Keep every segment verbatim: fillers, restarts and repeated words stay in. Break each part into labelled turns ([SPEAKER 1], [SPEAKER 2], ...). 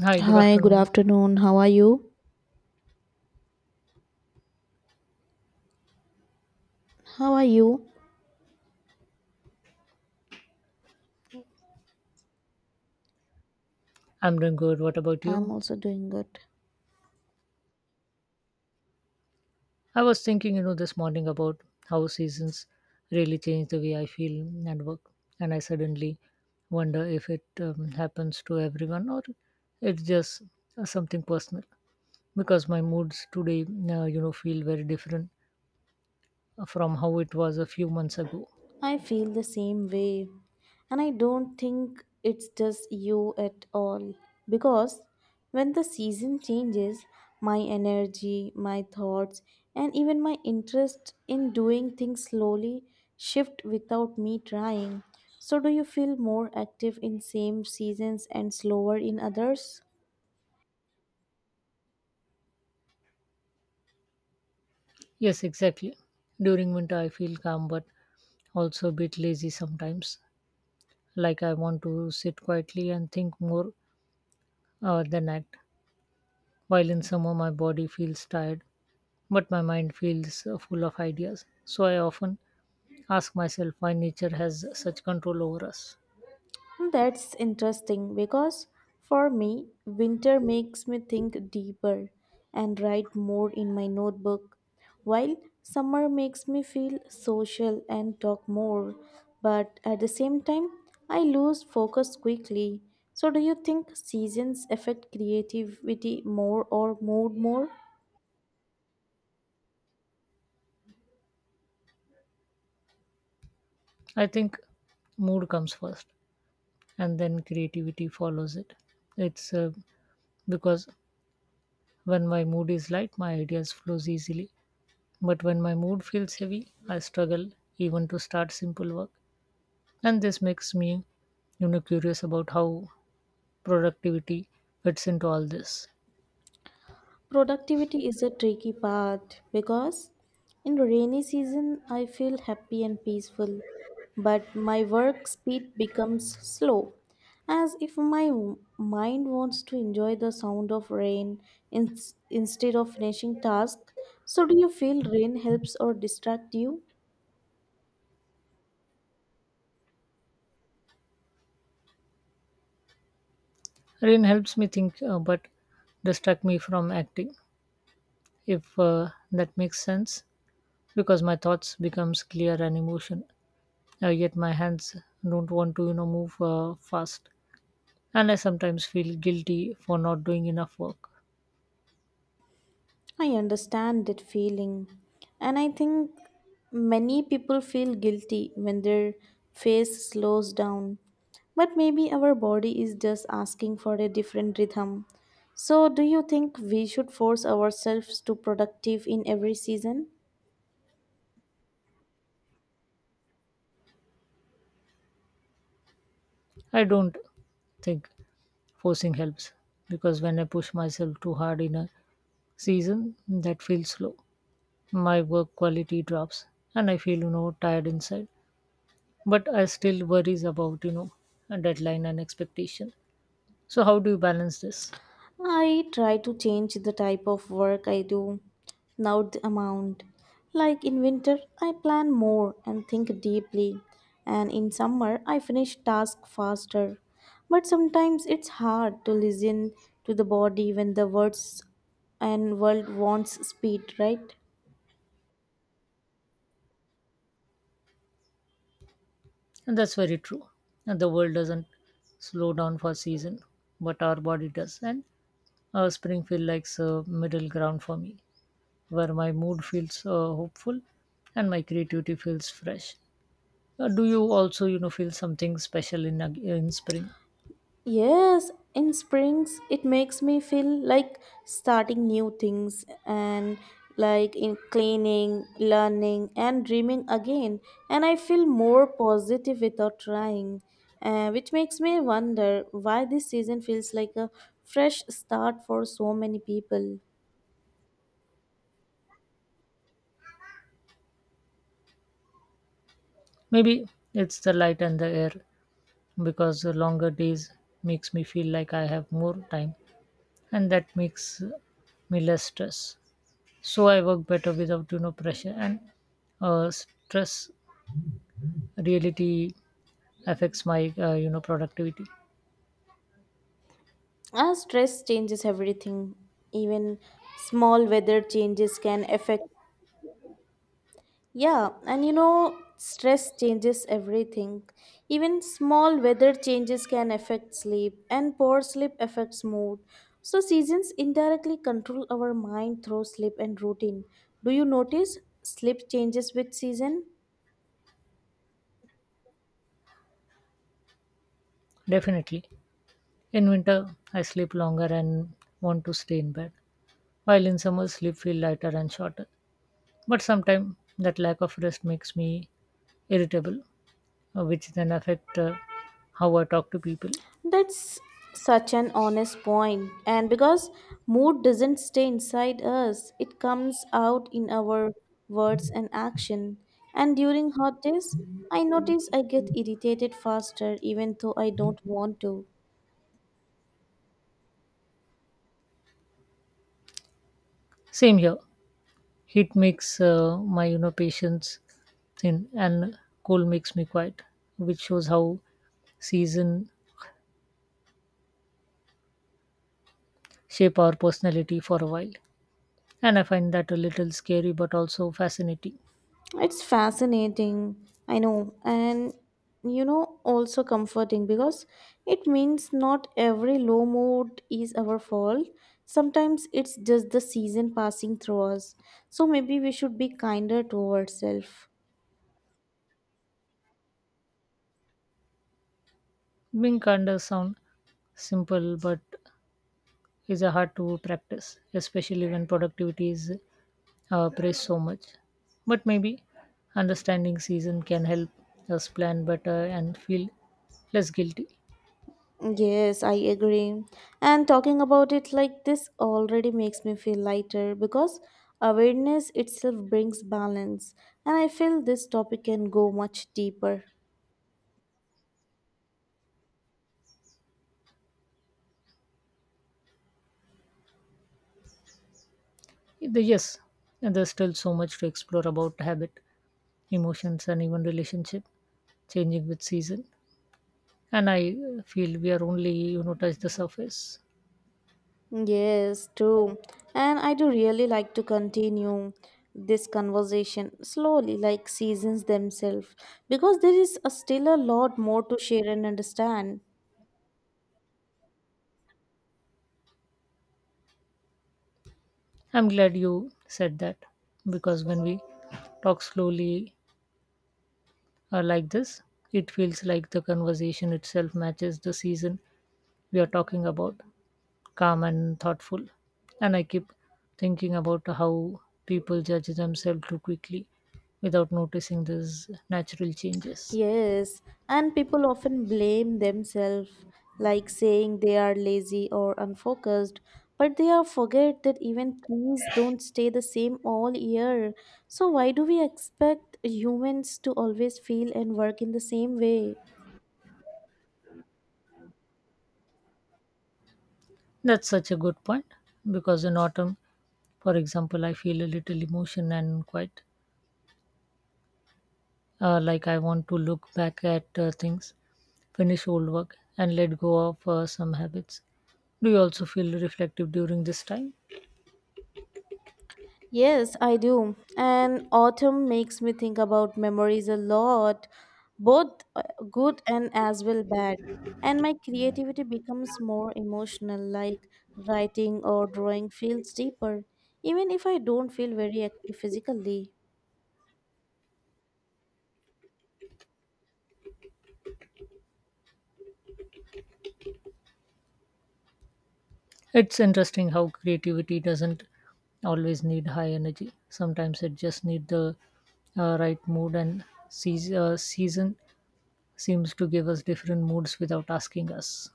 [SPEAKER 1] Hi, good
[SPEAKER 2] Hi, good
[SPEAKER 1] afternoon.
[SPEAKER 2] afternoon. How are you? How are you?
[SPEAKER 1] I'm doing good. What about
[SPEAKER 2] I'm
[SPEAKER 1] you?
[SPEAKER 2] also doing good.
[SPEAKER 1] I was thinking, you know, this morning about how seasons really change the way I feel and work. And I suddenly wonder if it um, happens to everyone or it's just uh, something personal. Because my moods today, uh, you know, feel very different from how it was a few months ago.
[SPEAKER 2] I feel the same way. And I don't think it's just you at all. Because when the season changes, my energy, my thoughts, and even my interest in doing things slowly shift without me trying. So do you feel more active in same seasons and slower in others?
[SPEAKER 1] Yes, exactly. During winter, I feel calm but also a bit lazy sometimes. Like I want to sit quietly and think more uh, than act. While in summer my body feels tired, but my mind feels uh, full of ideas. So I often ask myself why nature has such control over us.
[SPEAKER 2] That's interesting because for me, winter makes me think deeper and write more in my notebook, while summer makes me feel social and talk more. But at the same time, I lose focus quickly. So, do you think seasons affect creativity more or mood more?
[SPEAKER 1] I think mood comes first and then creativity follows it. It's uh, Because when my mood is light, my ideas flows easily, but when my mood feels heavy, I struggle even to start simple work. And this makes me, you know curious about how productivity fits into all this.
[SPEAKER 2] Productivity is a tricky part because in rainy season I feel happy and peaceful, but my work speed becomes slow, as if my w- mind wants to enjoy the sound of rain in, instead of finishing task. So, do you feel rain helps or distract you?
[SPEAKER 1] Rain helps me think, uh, but distract me from acting, if uh, that makes sense, because my thoughts becomes clear and emotion. Uh, yet my hands don't want to, you know, move uh, fast, and I sometimes feel guilty for not doing enough work.
[SPEAKER 2] I understand that feeling. And I think many people feel guilty when their face slows down. But maybe our body is just asking for a different rhythm. So, do you think we should force ourselves to productive in every season?
[SPEAKER 1] I don't think forcing helps, because when I push myself too hard in a season that feels slow, my work quality drops and I feel, you know tired inside. But I still worries about, you know a deadline and expectation. So how do you balance this?
[SPEAKER 2] I try to change the type of work I do, not the amount. Like in winter, I plan more and think deeply, and in summer, I finish tasks faster. But sometimes it's hard to listen to the body when the words and world wants speed, right?
[SPEAKER 1] And that's very true. And the world doesn't slow down for season, but our body does. And uh, spring feels like a middle ground for me, where my mood feels uh, hopeful and my creativity feels fresh. Uh, do you also, you know, feel something special in ag- in spring?
[SPEAKER 2] Yes, in springs it makes me feel like starting new things and like in cleaning, learning and dreaming again and I feel more positive without trying, uh, which makes me wonder why this season feels like a fresh start for so many people.
[SPEAKER 1] Maybe it's the light and the air, because the longer days makes me feel like I have more time, and that makes me less stress. So I work better without, you know pressure and uh, stress reality affects my uh, you know productivity.
[SPEAKER 2] As stress changes everything, even small weather changes can affect. Yeah, and you know, stress changes everything. Even small weather changes can affect sleep, and poor sleep affects mood. So, seasons indirectly control our mind through sleep and routine. Do you notice sleep changes with season?
[SPEAKER 1] Definitely in winter I sleep longer and want to stay in bed, while in summer sleep feel lighter and shorter. But sometimes that lack of rest makes me irritable, uh, which then affect uh, how I talk to people.
[SPEAKER 2] That's such an honest point. And because mood doesn't stay inside us, it comes out in our words and action. And during hot days, I notice I get irritated faster even though I don't want to.
[SPEAKER 1] Same here. Heat makes uh, my, you know patience thin, and cold makes me quiet, which shows how season shape our personality for a while. And I find that a little scary but also fascinating.
[SPEAKER 2] It's fascinating, I know, and you know, also comforting because it means not every low mood is our fault. Sometimes it's just the season passing through us. So maybe we should be kinder to ourselves.
[SPEAKER 1] Being kinder sound simple but is a hard to practice, especially when productivity is uh, praised so much. But maybe understanding season can help us plan better and feel less guilty.
[SPEAKER 2] Yes, I agree. And talking about it like this already makes me feel lighter because awareness itself brings balance. And I feel this topic can go much deeper.
[SPEAKER 1] The- yes, there's still so much to explore about habit, emotions, and even relationship changing with season. And I feel we are only, you know touch the surface.
[SPEAKER 2] Yes, true. And I do really like to continue this conversation slowly, like seasons themselves, because there is a still a lot more to share and understand.
[SPEAKER 1] I'm glad you said that, because when we talk slowly uh, like this, it feels like the conversation itself matches the season we are talking about, calm and thoughtful. And I keep thinking about how people judge themselves too quickly without noticing these natural changes.
[SPEAKER 2] Yes, and people often blame themselves, like saying they are lazy or unfocused, but they are forget that even trees don't stay the same all year. So why do we expect humans to always feel and work in the same way?
[SPEAKER 1] That's such a good point, because in autumn, for example, I feel a little emotion and quite uh, like I want to look back at uh, things, finish old work, and let go of uh, some habits. Do you also feel reflective during this time?
[SPEAKER 2] Yes, I do. And autumn makes me think about memories a lot, both uh, good and as well bad. And my creativity becomes more emotional, like writing or drawing feels deeper, even if I don't feel very active physically.
[SPEAKER 1] It's interesting how creativity doesn't always need high energy. Sometimes it just needs the uh, right mood, and seas uh, season seems to give us different moods without asking us.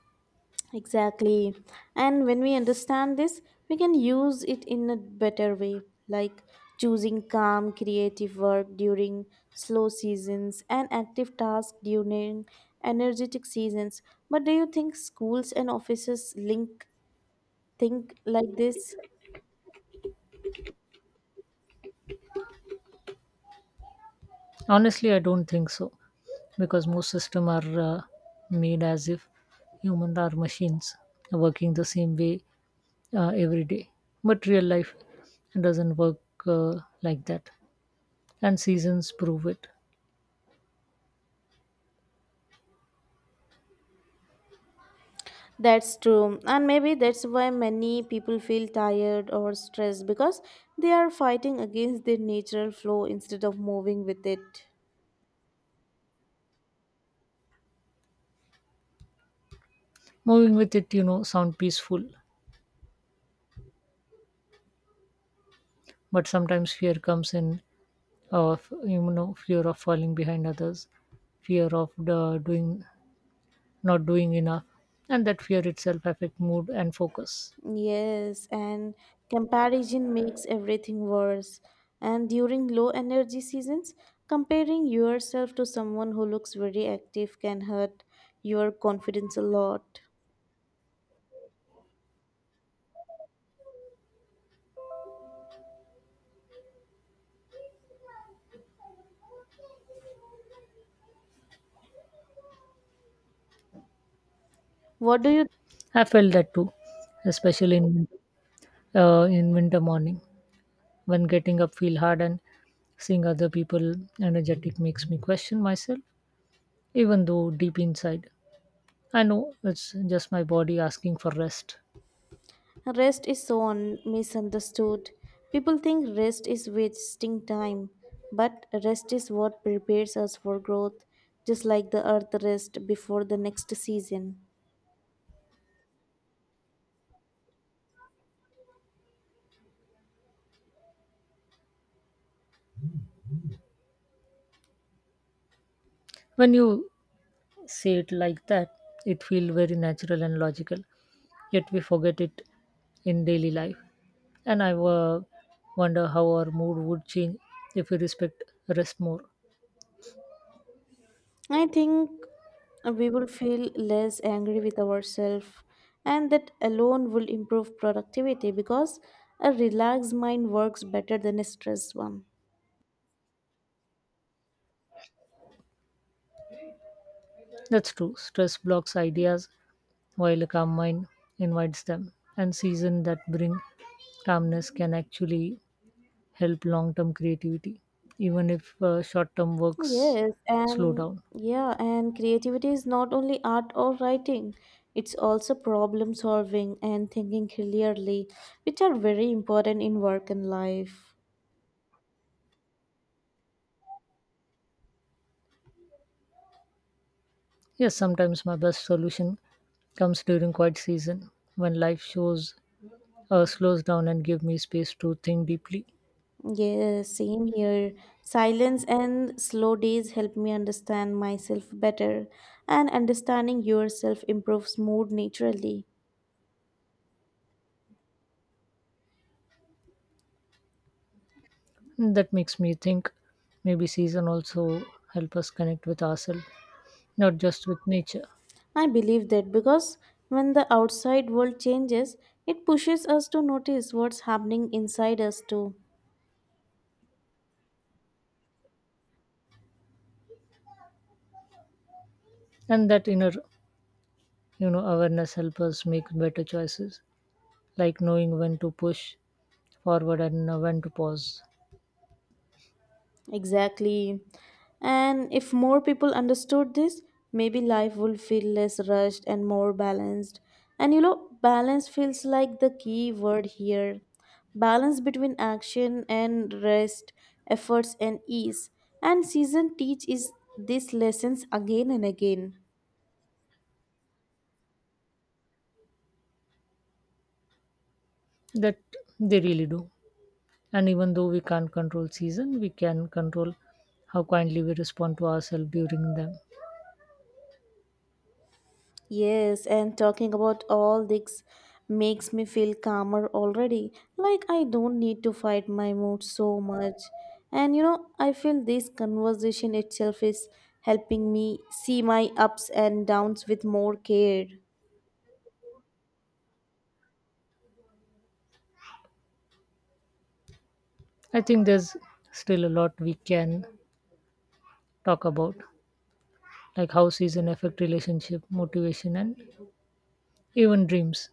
[SPEAKER 2] Exactly. And when we understand this, we can use it in a better way, like choosing calm, creative work during slow seasons and active tasks during energetic seasons. But do you think schools and offices link think like this?
[SPEAKER 1] Honestly, I don't think so, because most systems are uh, made as if humans are machines working the same way uh, every day. But real life doesn't work uh, like that, and seasons prove it.
[SPEAKER 2] That's true. And maybe that's why many people feel tired or stressed because they are fighting against their natural flow instead of moving with it.
[SPEAKER 1] Moving with it, you know, sound peaceful, but sometimes fear comes in of, you know fear of falling behind others, fear of uh, doing, not doing enough, and that fear itself affect mood and focus.
[SPEAKER 2] Yes, and comparison makes everything worse. And during low energy seasons, comparing yourself to someone who looks very active can hurt your confidence a lot. What do you
[SPEAKER 1] I felt that too, especially in uh, in winter morning when getting up feel hard and seeing other people energetic makes me question myself, even though deep inside I know it's just my body asking for rest.
[SPEAKER 2] rest is so un- misunderstood. People think rest is wasting time, but rest is what prepares us for growth, just like the earth rest before the next season.
[SPEAKER 1] When you say it like that, it feels very natural and logical. Yet we forget it in daily life. And I uh, wonder how our mood would change if we respect rest more.
[SPEAKER 2] I think we will feel less angry with ourselves, and that alone will improve productivity because a relaxed mind works better than a stressed one.
[SPEAKER 1] That's true. Stress blocks ideas while a calm mind invites them. And seasons that bring calmness can actually help long-term creativity, even if uh, short-term works
[SPEAKER 2] Yes,
[SPEAKER 1] slow
[SPEAKER 2] and
[SPEAKER 1] down.
[SPEAKER 2] yeah, and creativity is not only art or writing, it's also problem solving and thinking clearly, which are very important in work and life.
[SPEAKER 1] Yes, sometimes my best solution comes during quiet season when life shows uh, slows down and give me space to think deeply.
[SPEAKER 2] Yeah, same here. Silence and slow days help me understand myself better, and understanding yourself improves mood naturally.
[SPEAKER 1] That makes me think maybe season also help us connect with ourselves, not just with nature.
[SPEAKER 2] I believe that because when the outside world changes, it pushes us to notice what's happening inside us too.
[SPEAKER 1] And that inner, you know awareness help us make better choices, like knowing when to push forward and uh, when to pause.
[SPEAKER 2] Exactly. And if more people understood this, maybe life would feel less rushed and more balanced. And you know, balance feels like the key word here. Balance between action and rest, efforts and ease. And season teach is these lessons again and again.
[SPEAKER 1] That they really do. And even though we can't control season, we can control how kindly we respond to ourselves during them.
[SPEAKER 2] Yes, and talking about all this makes me feel calmer already. Like I don't need to fight my mood so much. And you know, I feel this conversation itself is helping me see my ups and downs with more care.
[SPEAKER 1] I think there's still a lot we can talk about, like how season affect relationship, motivation, and even dreams.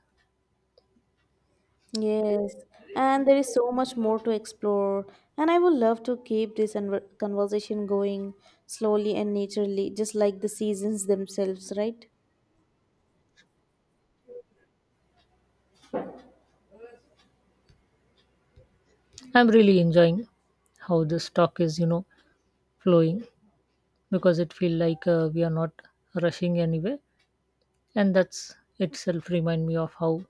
[SPEAKER 2] Yes, and there is so much more to explore, and I would love to keep this conver- conversation going slowly and naturally, just like the seasons themselves, right?
[SPEAKER 1] I'm really enjoying how this talk is, you know, flowing, because it feel like uh, we are not rushing anywhere, and that's itself remind me of how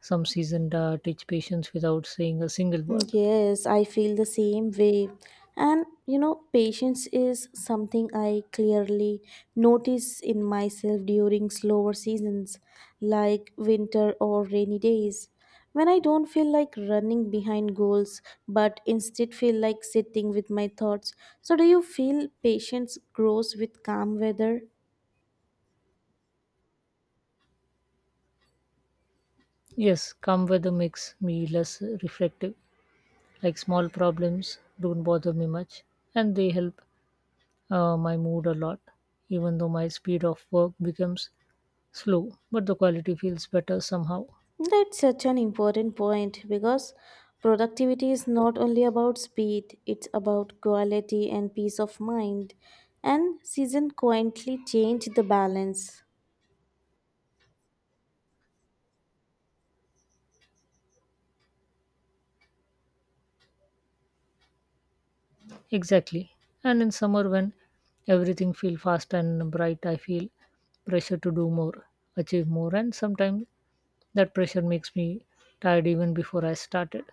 [SPEAKER 1] some seasoned uh, teach patience without saying a single word.
[SPEAKER 2] Yes, I feel the same way. And you know, patience is something I clearly notice in myself during slower seasons, like winter or rainy days. When I don't feel like running behind goals, but instead feel like sitting with my thoughts. So, do you feel patience grows with calm weather?
[SPEAKER 1] Yes, calm weather makes me less reflective. Like small problems don't bother me much, and they help uh, my mood a lot, even though my speed of work becomes slow, but the quality feels better somehow.
[SPEAKER 2] That's such an important point because productivity is not only about speed, it's about quality and peace of mind. And season quietly change the balance.
[SPEAKER 1] Exactly. And in summer, when everything feels fast and bright, I feel pressure to do more, achieve more, and sometimes that pressure makes me tired even before I started.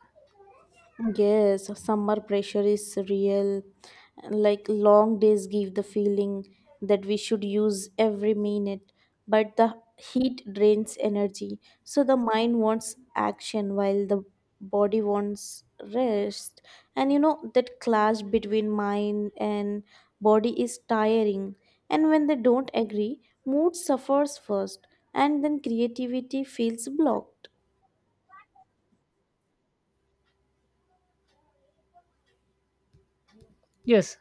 [SPEAKER 2] Yes, summer pressure is real. Like long days give the feeling that we should use every minute, but the heat drains energy. So the mind wants action while the body wants rest. And you know, that clash between mind and body is tiring. And when they don't agree, mood suffers first, and then creativity feels blocked.
[SPEAKER 1] Yes,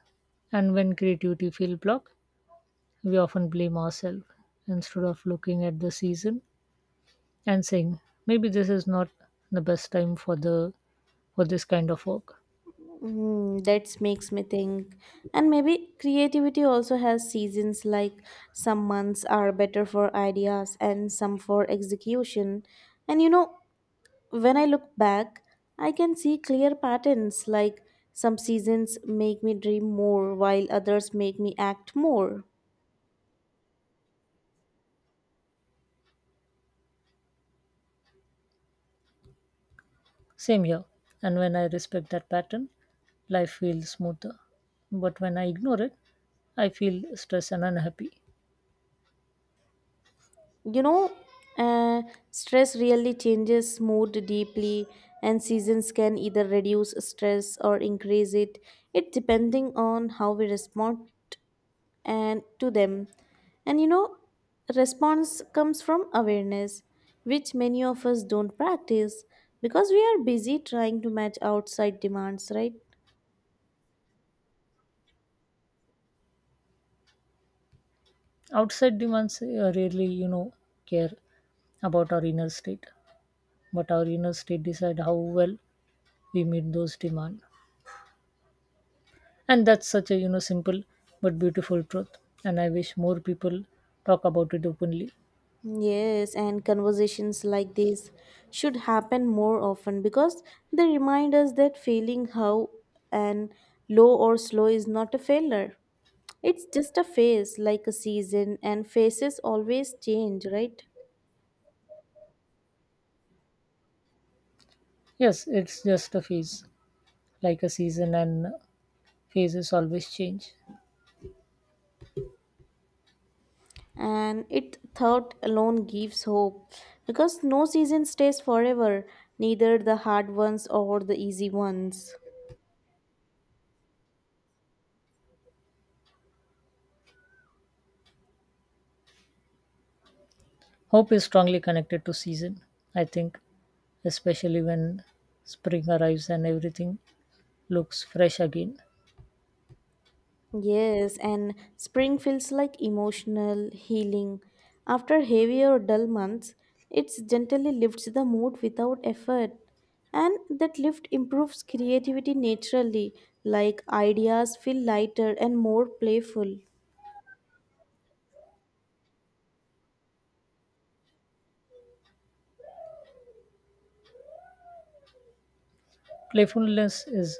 [SPEAKER 1] and when creativity feels blocked, we often blame ourselves instead of looking at the season and saying maybe this is not the best time for the for this kind of work.
[SPEAKER 2] Mm, that makes me think. And maybe creativity also has seasons, like some months are better for ideas and some for execution. And you know, when I look back, I can see clear patterns, like some seasons make me dream more, while others make me act more.
[SPEAKER 1] Same here. And when I respect that pattern, life feels smoother. But when I ignore it, I feel stressed and unhappy.
[SPEAKER 2] You know, uh, stress really changes mood deeply, and seasons can either reduce stress or increase it. It depending on how we respond and to them. And you know, response comes from awareness, which many of us don't practice because we are busy trying to match outside demands, right?
[SPEAKER 1] Outside demands uh, rarely, you know, care about our inner state. But our inner state decide how well we meet those demands. And that's such a, you know, simple but beautiful truth. And I wish more people talk about it openly.
[SPEAKER 2] Yes, and conversations like this should happen more often because they remind us that feeling how and low or slow is not a failure. It's just a phase, like a season, and phases always change, right?
[SPEAKER 1] Yes, it's just a phase, like a season, and phases always change.
[SPEAKER 2] And it thought alone gives hope because no season stays forever, neither the hard ones or the easy ones.
[SPEAKER 1] Hope is strongly connected to season, I think, especially when spring arrives and everything looks fresh again.
[SPEAKER 2] Yes, and spring feels like emotional healing. After heavy or dull months, it gently lifts the mood without effort. And that lift improves creativity naturally, like ideas feel lighter and more playful.
[SPEAKER 1] Playfulness is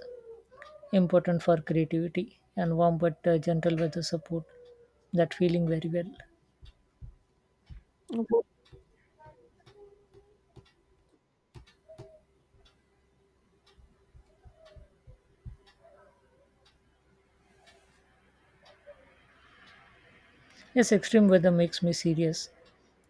[SPEAKER 1] important for creativity, and warm but uh, gentle weather support that feeling very well.
[SPEAKER 2] But
[SPEAKER 1] Yes, extreme weather makes me serious,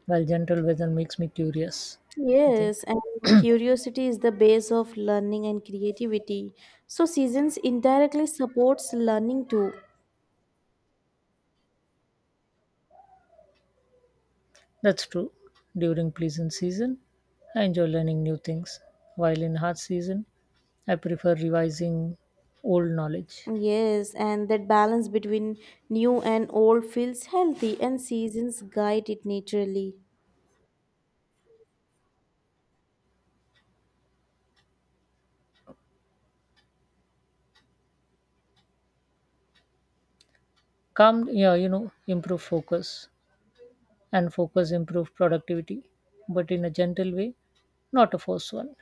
[SPEAKER 1] while gentle weather makes me curious. I think
[SPEAKER 2] yes, and curiosity is the base of learning and creativity. So seasons indirectly supports learning too.
[SPEAKER 1] that's true. During pleasant season, I enjoy learning new things, while in hard season, I prefer revising old knowledge.
[SPEAKER 2] Yes, and that balance between new and old feels healthy, and seasons guide it naturally.
[SPEAKER 1] Calm, yeah, you know, improve focus, and focus improve productivity, but in a gentle way, not a forced one.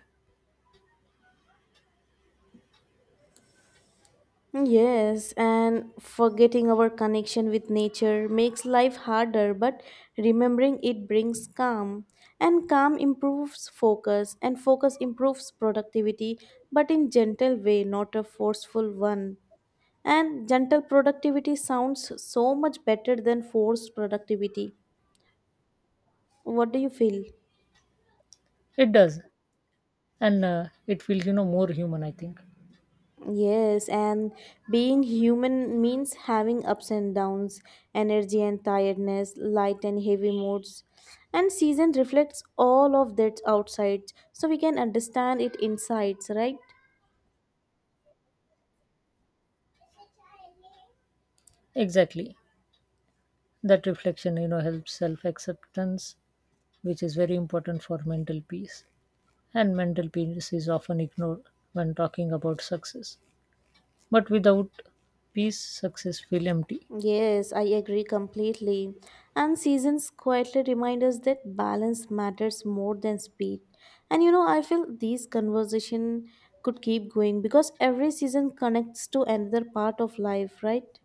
[SPEAKER 2] Yes, and forgetting our connection with nature makes life harder, but remembering it brings calm. And calm improves focus, and focus improves productivity, but in gentle way, not a forceful one. And gentle productivity sounds so much better than forced productivity. What do you feel?
[SPEAKER 1] It does, and uh, it feels, you know, more human. I think
[SPEAKER 2] Yes, and being human means having ups and downs, energy and tiredness, light and heavy moods. And season reflects all of that outside, so we can understand it insides, right?
[SPEAKER 1] exactly that reflection, you know, helps self acceptance, which is very important for mental peace. And mental peace is often ignored when talking about success. But without peace, success feel empty.
[SPEAKER 2] Yes, I agree completely. And seasons quietly remind us that balance matters more than speed. And you know, I feel these conversation could keep going because every season connects to another part of life, right?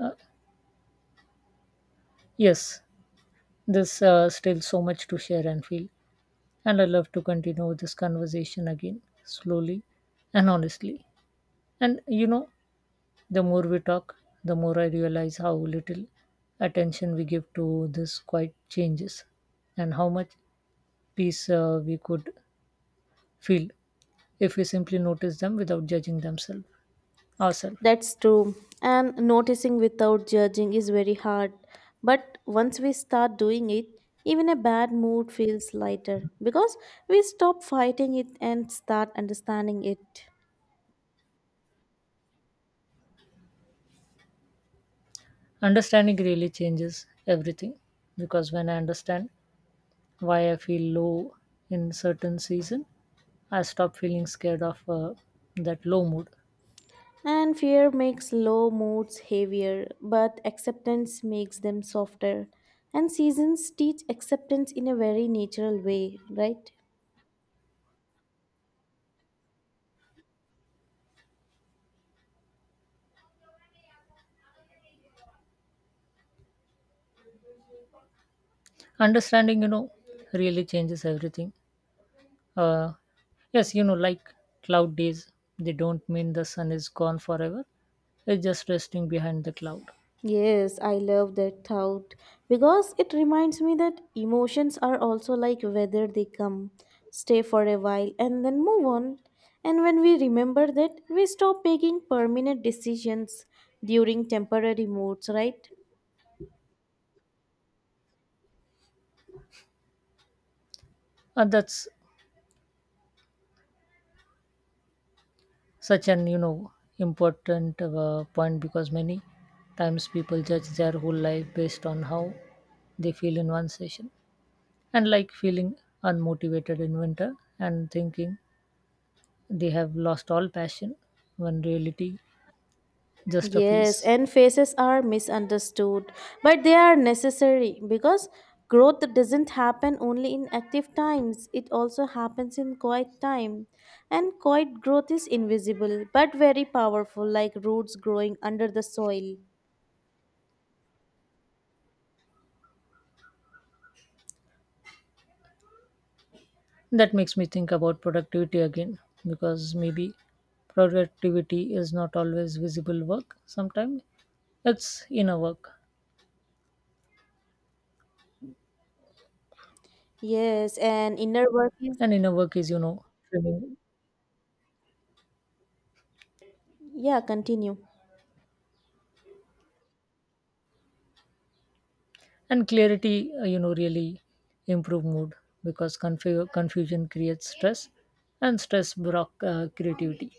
[SPEAKER 1] Uh, yes, there's uh, still so much to share and feel. And I love to continue this conversation again, slowly and honestly. And, you know, the more we talk, the more I realize how little attention we give to this quiet changes and how much peace uh, we could feel if we simply notice them without judging themselves, ourselves.
[SPEAKER 2] That's true. And noticing without judging is very hard. But once we start doing it, even a bad mood feels lighter because we stop fighting it and start understanding it.
[SPEAKER 1] Understanding really changes everything, because when I understand why I feel low in certain season, I stop feeling scared of uh, that low mood.
[SPEAKER 2] And fear makes low moods heavier, but acceptance makes them softer. And seasons teach acceptance in a very natural way, right?
[SPEAKER 1] Understanding, you know, really changes everything. Uh, yes, you know, like cloud days, they don't mean the sun is gone forever. It's just resting behind the cloud.
[SPEAKER 2] Yes, I love that thought because it reminds me that emotions are also like weather they come, stay for a while, and then move on. And when we remember that, we stop making permanent decisions during temporary moods, right?
[SPEAKER 1] And that's such an, you know, important uh, point, because many times people judge their whole life based on how they feel in one session. And like feeling unmotivated in winter and thinking they have lost all passion, when reality just a
[SPEAKER 2] Yes,
[SPEAKER 1] phase.
[SPEAKER 2] and faces are misunderstood, but they are necessary because growth doesn't happen only in active times, it also happens in quiet time. And quiet growth is invisible but very powerful, like roots growing under the soil.
[SPEAKER 1] That makes me think about productivity again, because maybe productivity is not always visible work. Sometimes it's inner work,
[SPEAKER 2] Yes, and inner work is,
[SPEAKER 1] and inner work is, you know, trimming.
[SPEAKER 2] yeah, continue.
[SPEAKER 1] And clarity, uh, you know, really improve mood, because confu- confusion creates stress, and stress block uh, creativity.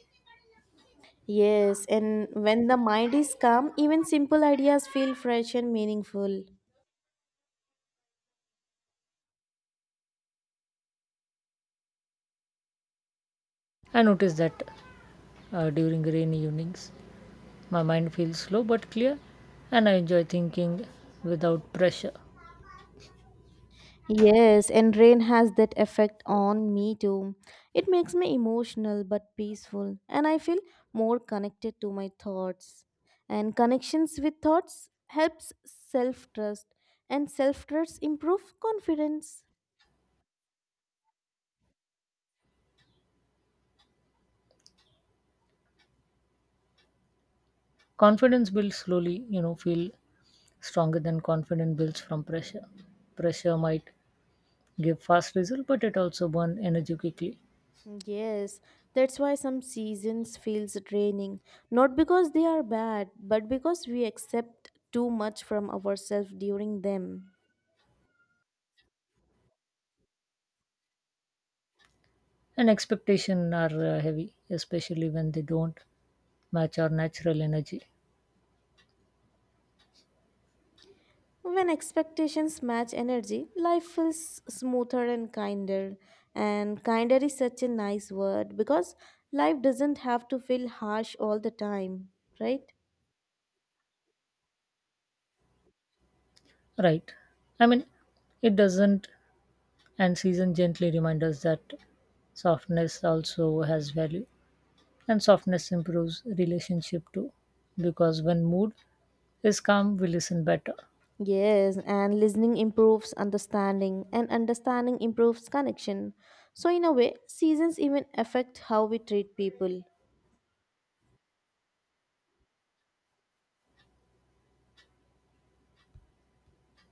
[SPEAKER 2] Yes, and when the mind is calm, even simple ideas feel fresh and meaningful.
[SPEAKER 1] I notice that uh, during rainy evenings, my mind feels slow but clear, and I enjoy thinking without pressure.
[SPEAKER 2] Yes, and rain has that effect on me too. It makes me emotional but peaceful, and I feel more connected to my thoughts. And connections with thoughts helps self-trust, and self-trust improves confidence.
[SPEAKER 1] Confidence builds slowly, you know, feel stronger than confident builds from pressure. Pressure might give fast result, but it also burn energy quickly.
[SPEAKER 2] Yes, that's why some seasons feels draining, not because they are bad, but because we accept too much from ourselves during them.
[SPEAKER 1] And expectation are uh, heavy, especially when they don't match our natural energy.
[SPEAKER 2] When expectations match energy, life feels smoother and kinder. And kinder is such a nice word because life doesn't have to feel harsh all the time, right?
[SPEAKER 1] Right. I mean, it doesn't, and season gently remind us that softness also has value, and softness improves relationship too, because when mood is calm, we listen better.
[SPEAKER 2] Yes, and listening improves understanding, and understanding improves connection. So, in a way, seasons even affect how we treat people.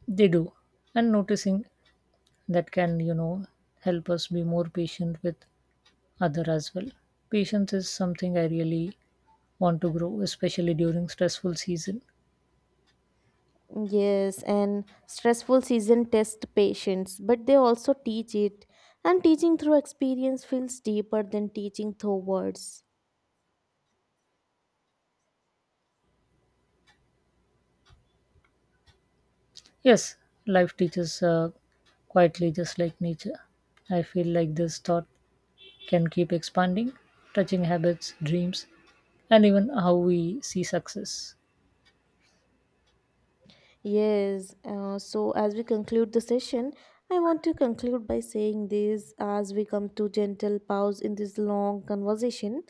[SPEAKER 1] They do, and noticing that can, you know help us be more patient with other as well. Patience is something I really want to grow, especially during stressful season.
[SPEAKER 2] Yes, and stressful season test patience, but they also teach it. And teaching through experience feels deeper than teaching through words.
[SPEAKER 1] Yes, life teaches uh, quietly, just like nature. I feel like this thought can keep expanding, touching habits, dreams, and even how we see success.
[SPEAKER 2] Yes, uh, so as we conclude the session, I want to conclude by saying this as we come to gentle pause in this long conversation.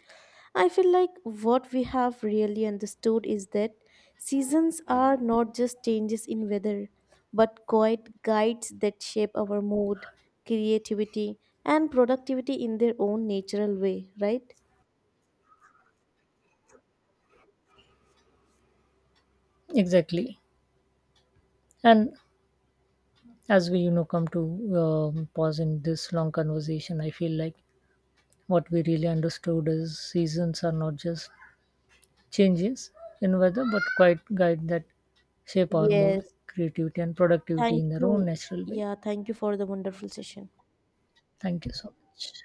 [SPEAKER 2] I feel like what we have really understood is that seasons are not just changes in weather, but quiet guides that shape our mood, creativity, and productivity in their own natural way, right?
[SPEAKER 1] Exactly. And as we, you know, come to um, pause in this long conversation, I feel like what we really understood is seasons are not just changes in weather, but quite guide that shape our mood,
[SPEAKER 2] Yes.
[SPEAKER 1] creativity, and productivity
[SPEAKER 2] Thank
[SPEAKER 1] in their own
[SPEAKER 2] you.
[SPEAKER 1] natural way.
[SPEAKER 2] Yeah, thank you for the wonderful session.
[SPEAKER 1] Thank you so much.